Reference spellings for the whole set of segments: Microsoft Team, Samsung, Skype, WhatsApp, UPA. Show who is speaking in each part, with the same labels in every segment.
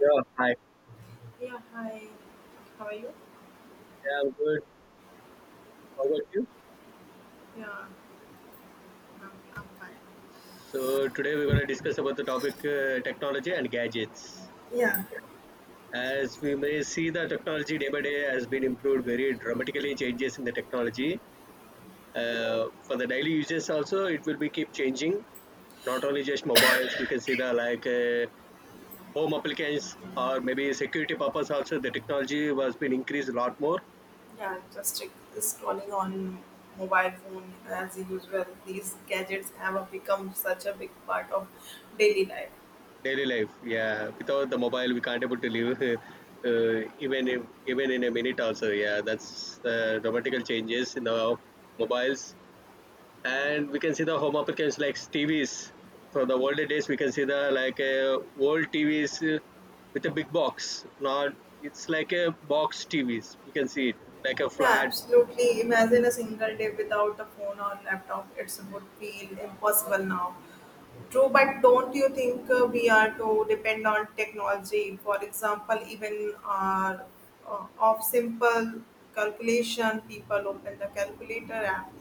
Speaker 1: Yeah, hi.
Speaker 2: Yeah, hi. How are you?
Speaker 1: Yeah, I'm good. How about you?
Speaker 2: Yeah, I'm, I'm fine.
Speaker 1: So today we're going to discuss about the topic technology and gadgets.
Speaker 2: Yeah,
Speaker 1: As we may see, the technology day by day has been improved very dramatically. Changes in the technology for the daily uses also it will be keep changing. Not only just mobiles, we can see the like home applications or maybe security purpose also. The technology was been increased a lot more.
Speaker 2: Yeah, just check scrolling on mobile phone as usual. These gadgets have become such a big part of daily life.
Speaker 1: Daily life, yeah. Without the mobile, we can't able to live. Even if, even in a minute also, yeah. That's the dramatical changes in our mobiles, and we can see the home applications like TVs. From the older days, we can see the like old TVs with a big box. Now it's like a box TVs. We can see it like a
Speaker 2: Yeah,
Speaker 1: flat.
Speaker 2: absolutely. Imagine a single day without a phone or laptop. It would feel impossible now. True, but don't you think we are to depend on technology? For example, even of simple calculation, people open the calculator app.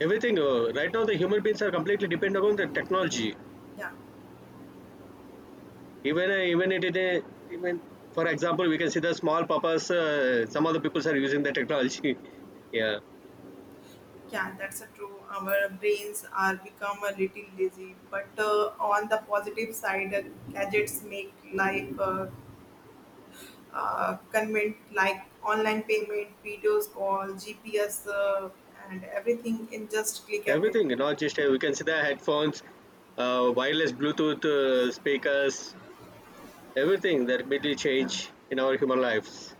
Speaker 1: Everything right now, the human beings are completely dependent on the technology
Speaker 2: Yeah,
Speaker 1: even even it, it even for example we can see the small purpose some of the people are using the technology yeah,
Speaker 2: yeah, that's a true. Our brains are become a little lazy, but on the positive side, gadgets make life convenient, like online payment, videos call, GPS, and everything in just click away.
Speaker 1: everything not just, we can see the headphones wireless bluetooth speakers, everything that really
Speaker 2: Yeah.
Speaker 1: change in our human lives.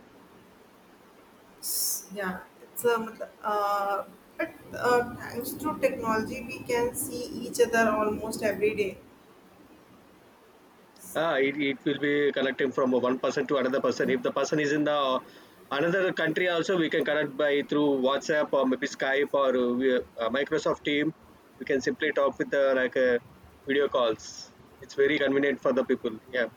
Speaker 2: Yeah, it's a matlab, but thanks to technology, we can see each other almost every day.
Speaker 1: Ah, it will be connecting from one person to another person.
Speaker 2: Yeah,
Speaker 1: If the person is in the another country, also we can connect by through WhatsApp or maybe Skype or Microsoft Team. We can simply talk with the like video calls. It's very convenient for the people. Yeah,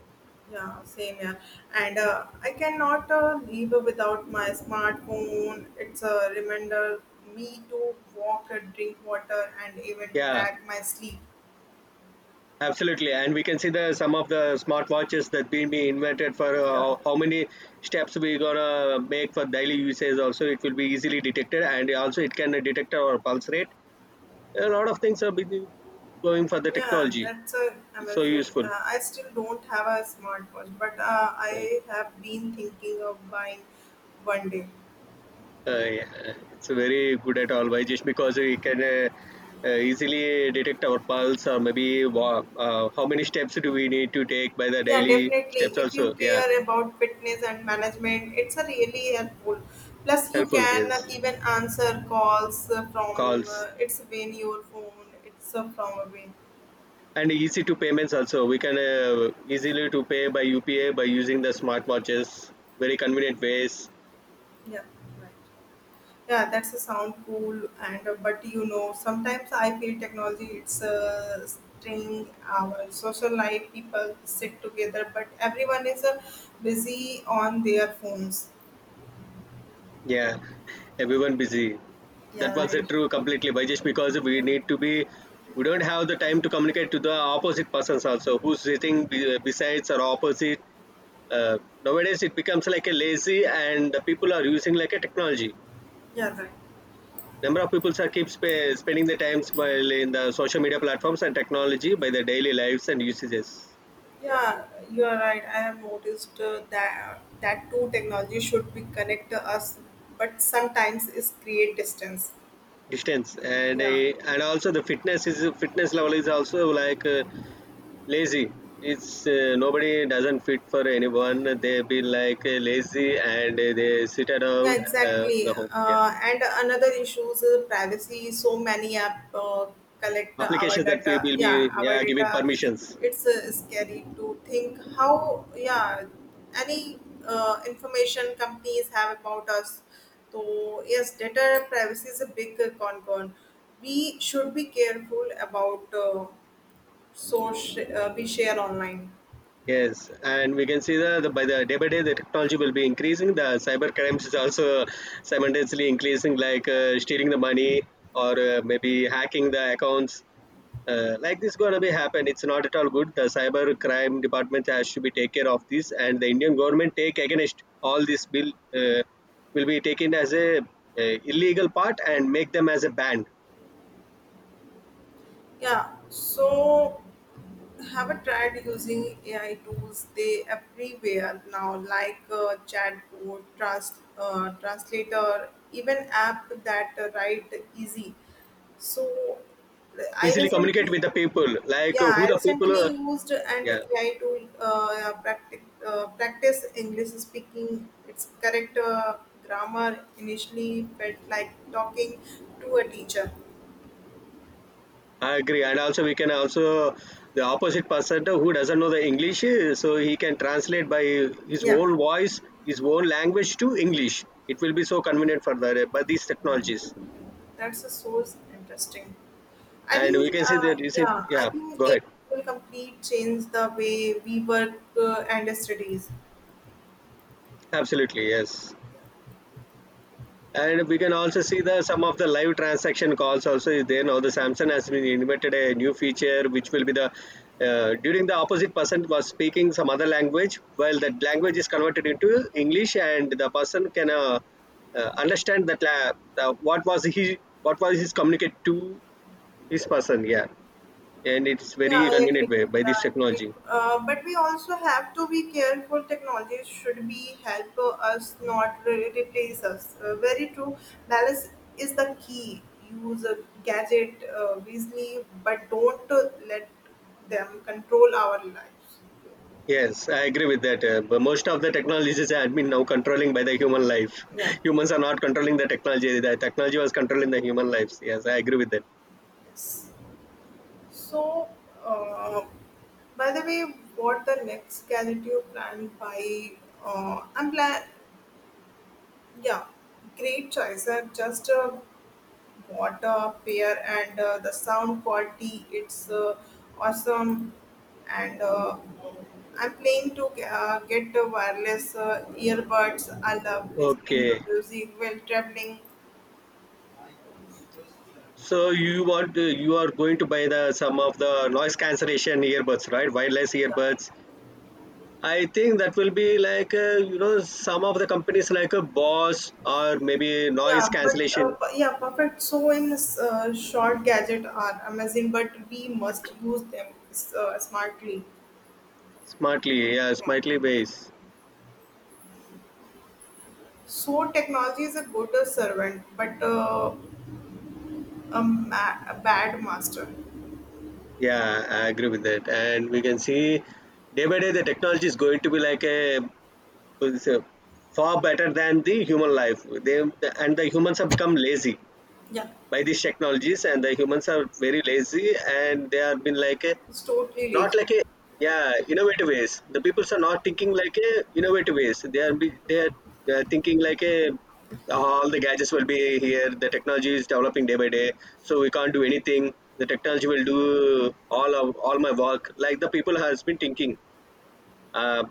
Speaker 2: yeah, same, and I cannot live without my smartphone. It's a reminder me to walk, drink water, and even
Speaker 1: yeah,
Speaker 2: track my sleep.
Speaker 1: absolutely. And we can see the some of the smartwatches that been be invented for uh,
Speaker 2: Yeah,
Speaker 1: how how many steps we gonna make for daily usage. Also, it will be easily detected, and also it can detect our pulse rate, a lot of things are being going for the
Speaker 2: yeah
Speaker 1: technology.
Speaker 2: that's
Speaker 1: It's so
Speaker 2: amazing.
Speaker 1: useful.
Speaker 2: I still don't have a smartwatch, but
Speaker 1: Uh,
Speaker 2: I have been thinking of buying one day.
Speaker 1: yeah, it's very good at all, by just because we can easily detect our pulse or maybe how many steps do we need to take by the
Speaker 2: Yeah,
Speaker 1: daily steps
Speaker 2: definitely. If you
Speaker 1: also. Yeah,
Speaker 2: care about fitness and management, it's a really helpful. Plus, you
Speaker 1: helpful.
Speaker 2: can
Speaker 1: Yes,
Speaker 2: even answer calls uh, from
Speaker 1: calls
Speaker 2: uh, it's when your phone. It's from away.
Speaker 1: and easy to payments also. We can easily to pay by UPA by using the smartwatches. Very convenient ways.
Speaker 2: Yeah, right. Yeah, that's a sound cool. And but you know, sometimes I feel technology it's string our social life. People sit together, but everyone is busy on their phones.
Speaker 1: Yeah, everyone busy. That
Speaker 2: Yeah,
Speaker 1: was
Speaker 2: right.
Speaker 1: true completely, by just because
Speaker 2: Yeah,
Speaker 1: we need to be, we don't have the time to communicate to the opposite persons also who's sitting besides or opposite. Uh, Nowadays, it becomes like a lazy, and the people are using like a technology.
Speaker 2: yeah, right.
Speaker 1: Number of people are keep spending the times while in the social media platforms and technology by their daily lives and usages. Yeah,
Speaker 2: Yeah, you are right. I have noticed that too. Technology should be connect us, but sometimes it create distance.
Speaker 1: distance and
Speaker 2: Yeah.
Speaker 1: uh, and also the fitness is fitness level is also like. Lazy, it's nobody doesn't fit for anyone, they be like lazy and they sit
Speaker 2: Yeah,
Speaker 1: around
Speaker 2: exactly.
Speaker 1: the home, yeah,
Speaker 2: And another issue is privacy. So many app collect our
Speaker 1: applications that we
Speaker 2: data.
Speaker 1: will
Speaker 2: Yeah,
Speaker 1: be,
Speaker 2: our
Speaker 1: yeah, giving
Speaker 2: data.
Speaker 1: permissions.
Speaker 2: It's scary to think how. Yeah, any information companies have about us. So yes, data privacy is a big concern. We should be careful about so we share online.
Speaker 1: Yes, and we can see that the, by the day by day the technology will be increasing. The cyber crimes is also simultaneously increasing, like stealing the money or maybe hacking the accounts. Like this gonna be happen. It's not at all good. The cyber crime department has to be take care of this, and the Indian government take against all this bill uh, will be taken as a illegal part and make them as a ban.
Speaker 2: Yeah. So haven't tried using AI tools. They everywhere now, like uh, chatbot, translator, even app that write easy. So I
Speaker 1: Easily communicate
Speaker 2: recently,
Speaker 1: with the people, like
Speaker 2: yeah,
Speaker 1: who
Speaker 2: I
Speaker 1: the people.
Speaker 2: recently used an
Speaker 1: Yeah,
Speaker 2: AI tool practice practice English speaking. Its correct grammar initially felt like talking to a teacher.
Speaker 1: I agree, and also we can also the opposite person who doesn't know the English, eh, so he can translate by his
Speaker 2: Yeah,
Speaker 1: own voice, his own language to English. It will be so convenient for the by these technologies,
Speaker 2: that's a source interesting.
Speaker 1: and we can see that is it.
Speaker 2: I
Speaker 1: Yeah,
Speaker 2: think
Speaker 1: go
Speaker 2: it
Speaker 1: ahead.
Speaker 2: will completely change the way we work and studies.
Speaker 1: Absolutely, yes, and we can also see the some of the live transaction calls also is there, now the Samsung has been invented a new feature which will be the during the opposite person was speaking some other language, well that language is converted into English and the person can understand that what was he, what was his communicate to his person, yeah, and it's
Speaker 2: Yeah,
Speaker 1: very
Speaker 2: I agree.
Speaker 1: convenient way by
Speaker 2: Yeah,
Speaker 1: this
Speaker 2: I agree.
Speaker 1: technology.
Speaker 2: But we also have to be careful. Technology should be help us, not replace us. Very true. Balance is the key. Use a gadget wisely, but don't let them control our lives.
Speaker 1: Yes, I agree with that. But most of the technologies have been now controlling by the human life. Humans are not controlling the technology. The technology was controlling the human lives. Yes, I agree with that.
Speaker 2: So, uh, by the way, what the next gadget you plan by? I'm plan. Yeah, great choice. I just bought a pair, and the sound quality it's awesome. And I'm planning to get the wireless earbuds. I love listening to
Speaker 1: Okay,
Speaker 2: music while traveling.
Speaker 1: so you want to, you are going to buy the some of the noise cancellation earbuds, right? Wireless
Speaker 2: Yeah.
Speaker 1: earbuds. I think that will be like you know some of the companies like a Boss or maybe noise
Speaker 2: Yeah, but uh,
Speaker 1: cancellation,
Speaker 2: p- yeah, perfect. So in this short gadget are amazing, but we must use them smartly.
Speaker 1: smartly, yeah,
Speaker 2: Yeah.
Speaker 1: smartly based.
Speaker 2: So technology is a good servant, but a bad master.
Speaker 1: Yeah, I agree with that. And we can see day by day the technology is going to be like a, it's a far better than the human life. They and the humans have become lazy
Speaker 2: Yeah,
Speaker 1: by these technologies, and the humans are very lazy, and they have been like a,
Speaker 2: it's totally
Speaker 1: not
Speaker 2: lazy.
Speaker 1: like a, yeah innovative ways, the peoples are not thinking like a innovative ways, they are thinking like a, all the gadgets will be here, the technology is developing day by day, so we can't do anything, the technology will do all of all my work, like the people has been thinking. uh,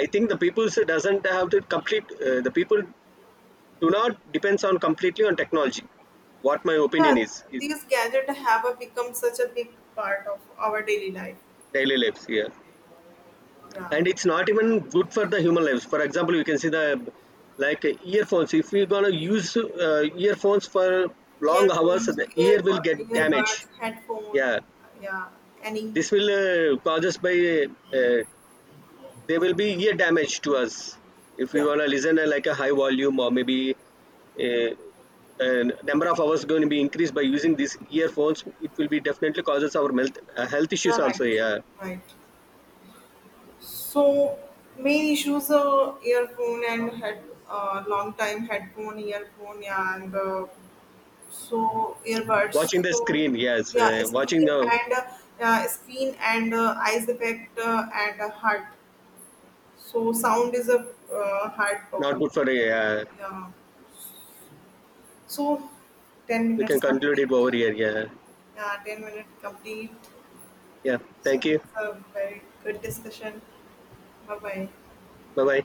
Speaker 1: I think the people doesn't have the complete, the people do not depends on completely on technology, what my
Speaker 2: Yeah,
Speaker 1: opinion is
Speaker 2: these gadgets have become such a big part of our daily life.
Speaker 1: daily lives here,
Speaker 2: Yeah,
Speaker 1: and it's not even good for the human lives, for example you can see the like earphones, if we're going to use earphones for long hours the ear will get damaged.
Speaker 2: earbuds, headphones.
Speaker 1: Yeah,
Speaker 2: Yeah, any.
Speaker 1: this will cause us by there will be ear damage to us if we
Speaker 2: Yeah,
Speaker 1: want to listen at like a high volume or maybe uh, a number of hours going to be increased by using these earphones, it will be definitely causes our health, health
Speaker 2: yeah,
Speaker 1: issues
Speaker 2: right,
Speaker 1: also, yeah,
Speaker 2: right. So main issues are earphone and head long time headphone, earphone, and
Speaker 1: watching
Speaker 2: earbuds.
Speaker 1: the
Speaker 2: So
Speaker 1: screen, yes,
Speaker 2: yeah,
Speaker 1: watching
Speaker 2: screen
Speaker 1: the,
Speaker 2: and uh, yeah, screen and eyes effect and heart. So sound is a heart
Speaker 1: not
Speaker 2: problem.
Speaker 1: good for a, yeah.
Speaker 2: Yeah. So ten
Speaker 1: We can
Speaker 2: minutes
Speaker 1: conclude
Speaker 2: complete.
Speaker 1: it over here. Yeah.
Speaker 2: Yeah, 10 minutes complete.
Speaker 1: Yeah.
Speaker 2: So it's
Speaker 1: Thank you.
Speaker 2: a very good discussion. Bye bye.
Speaker 1: Bye bye.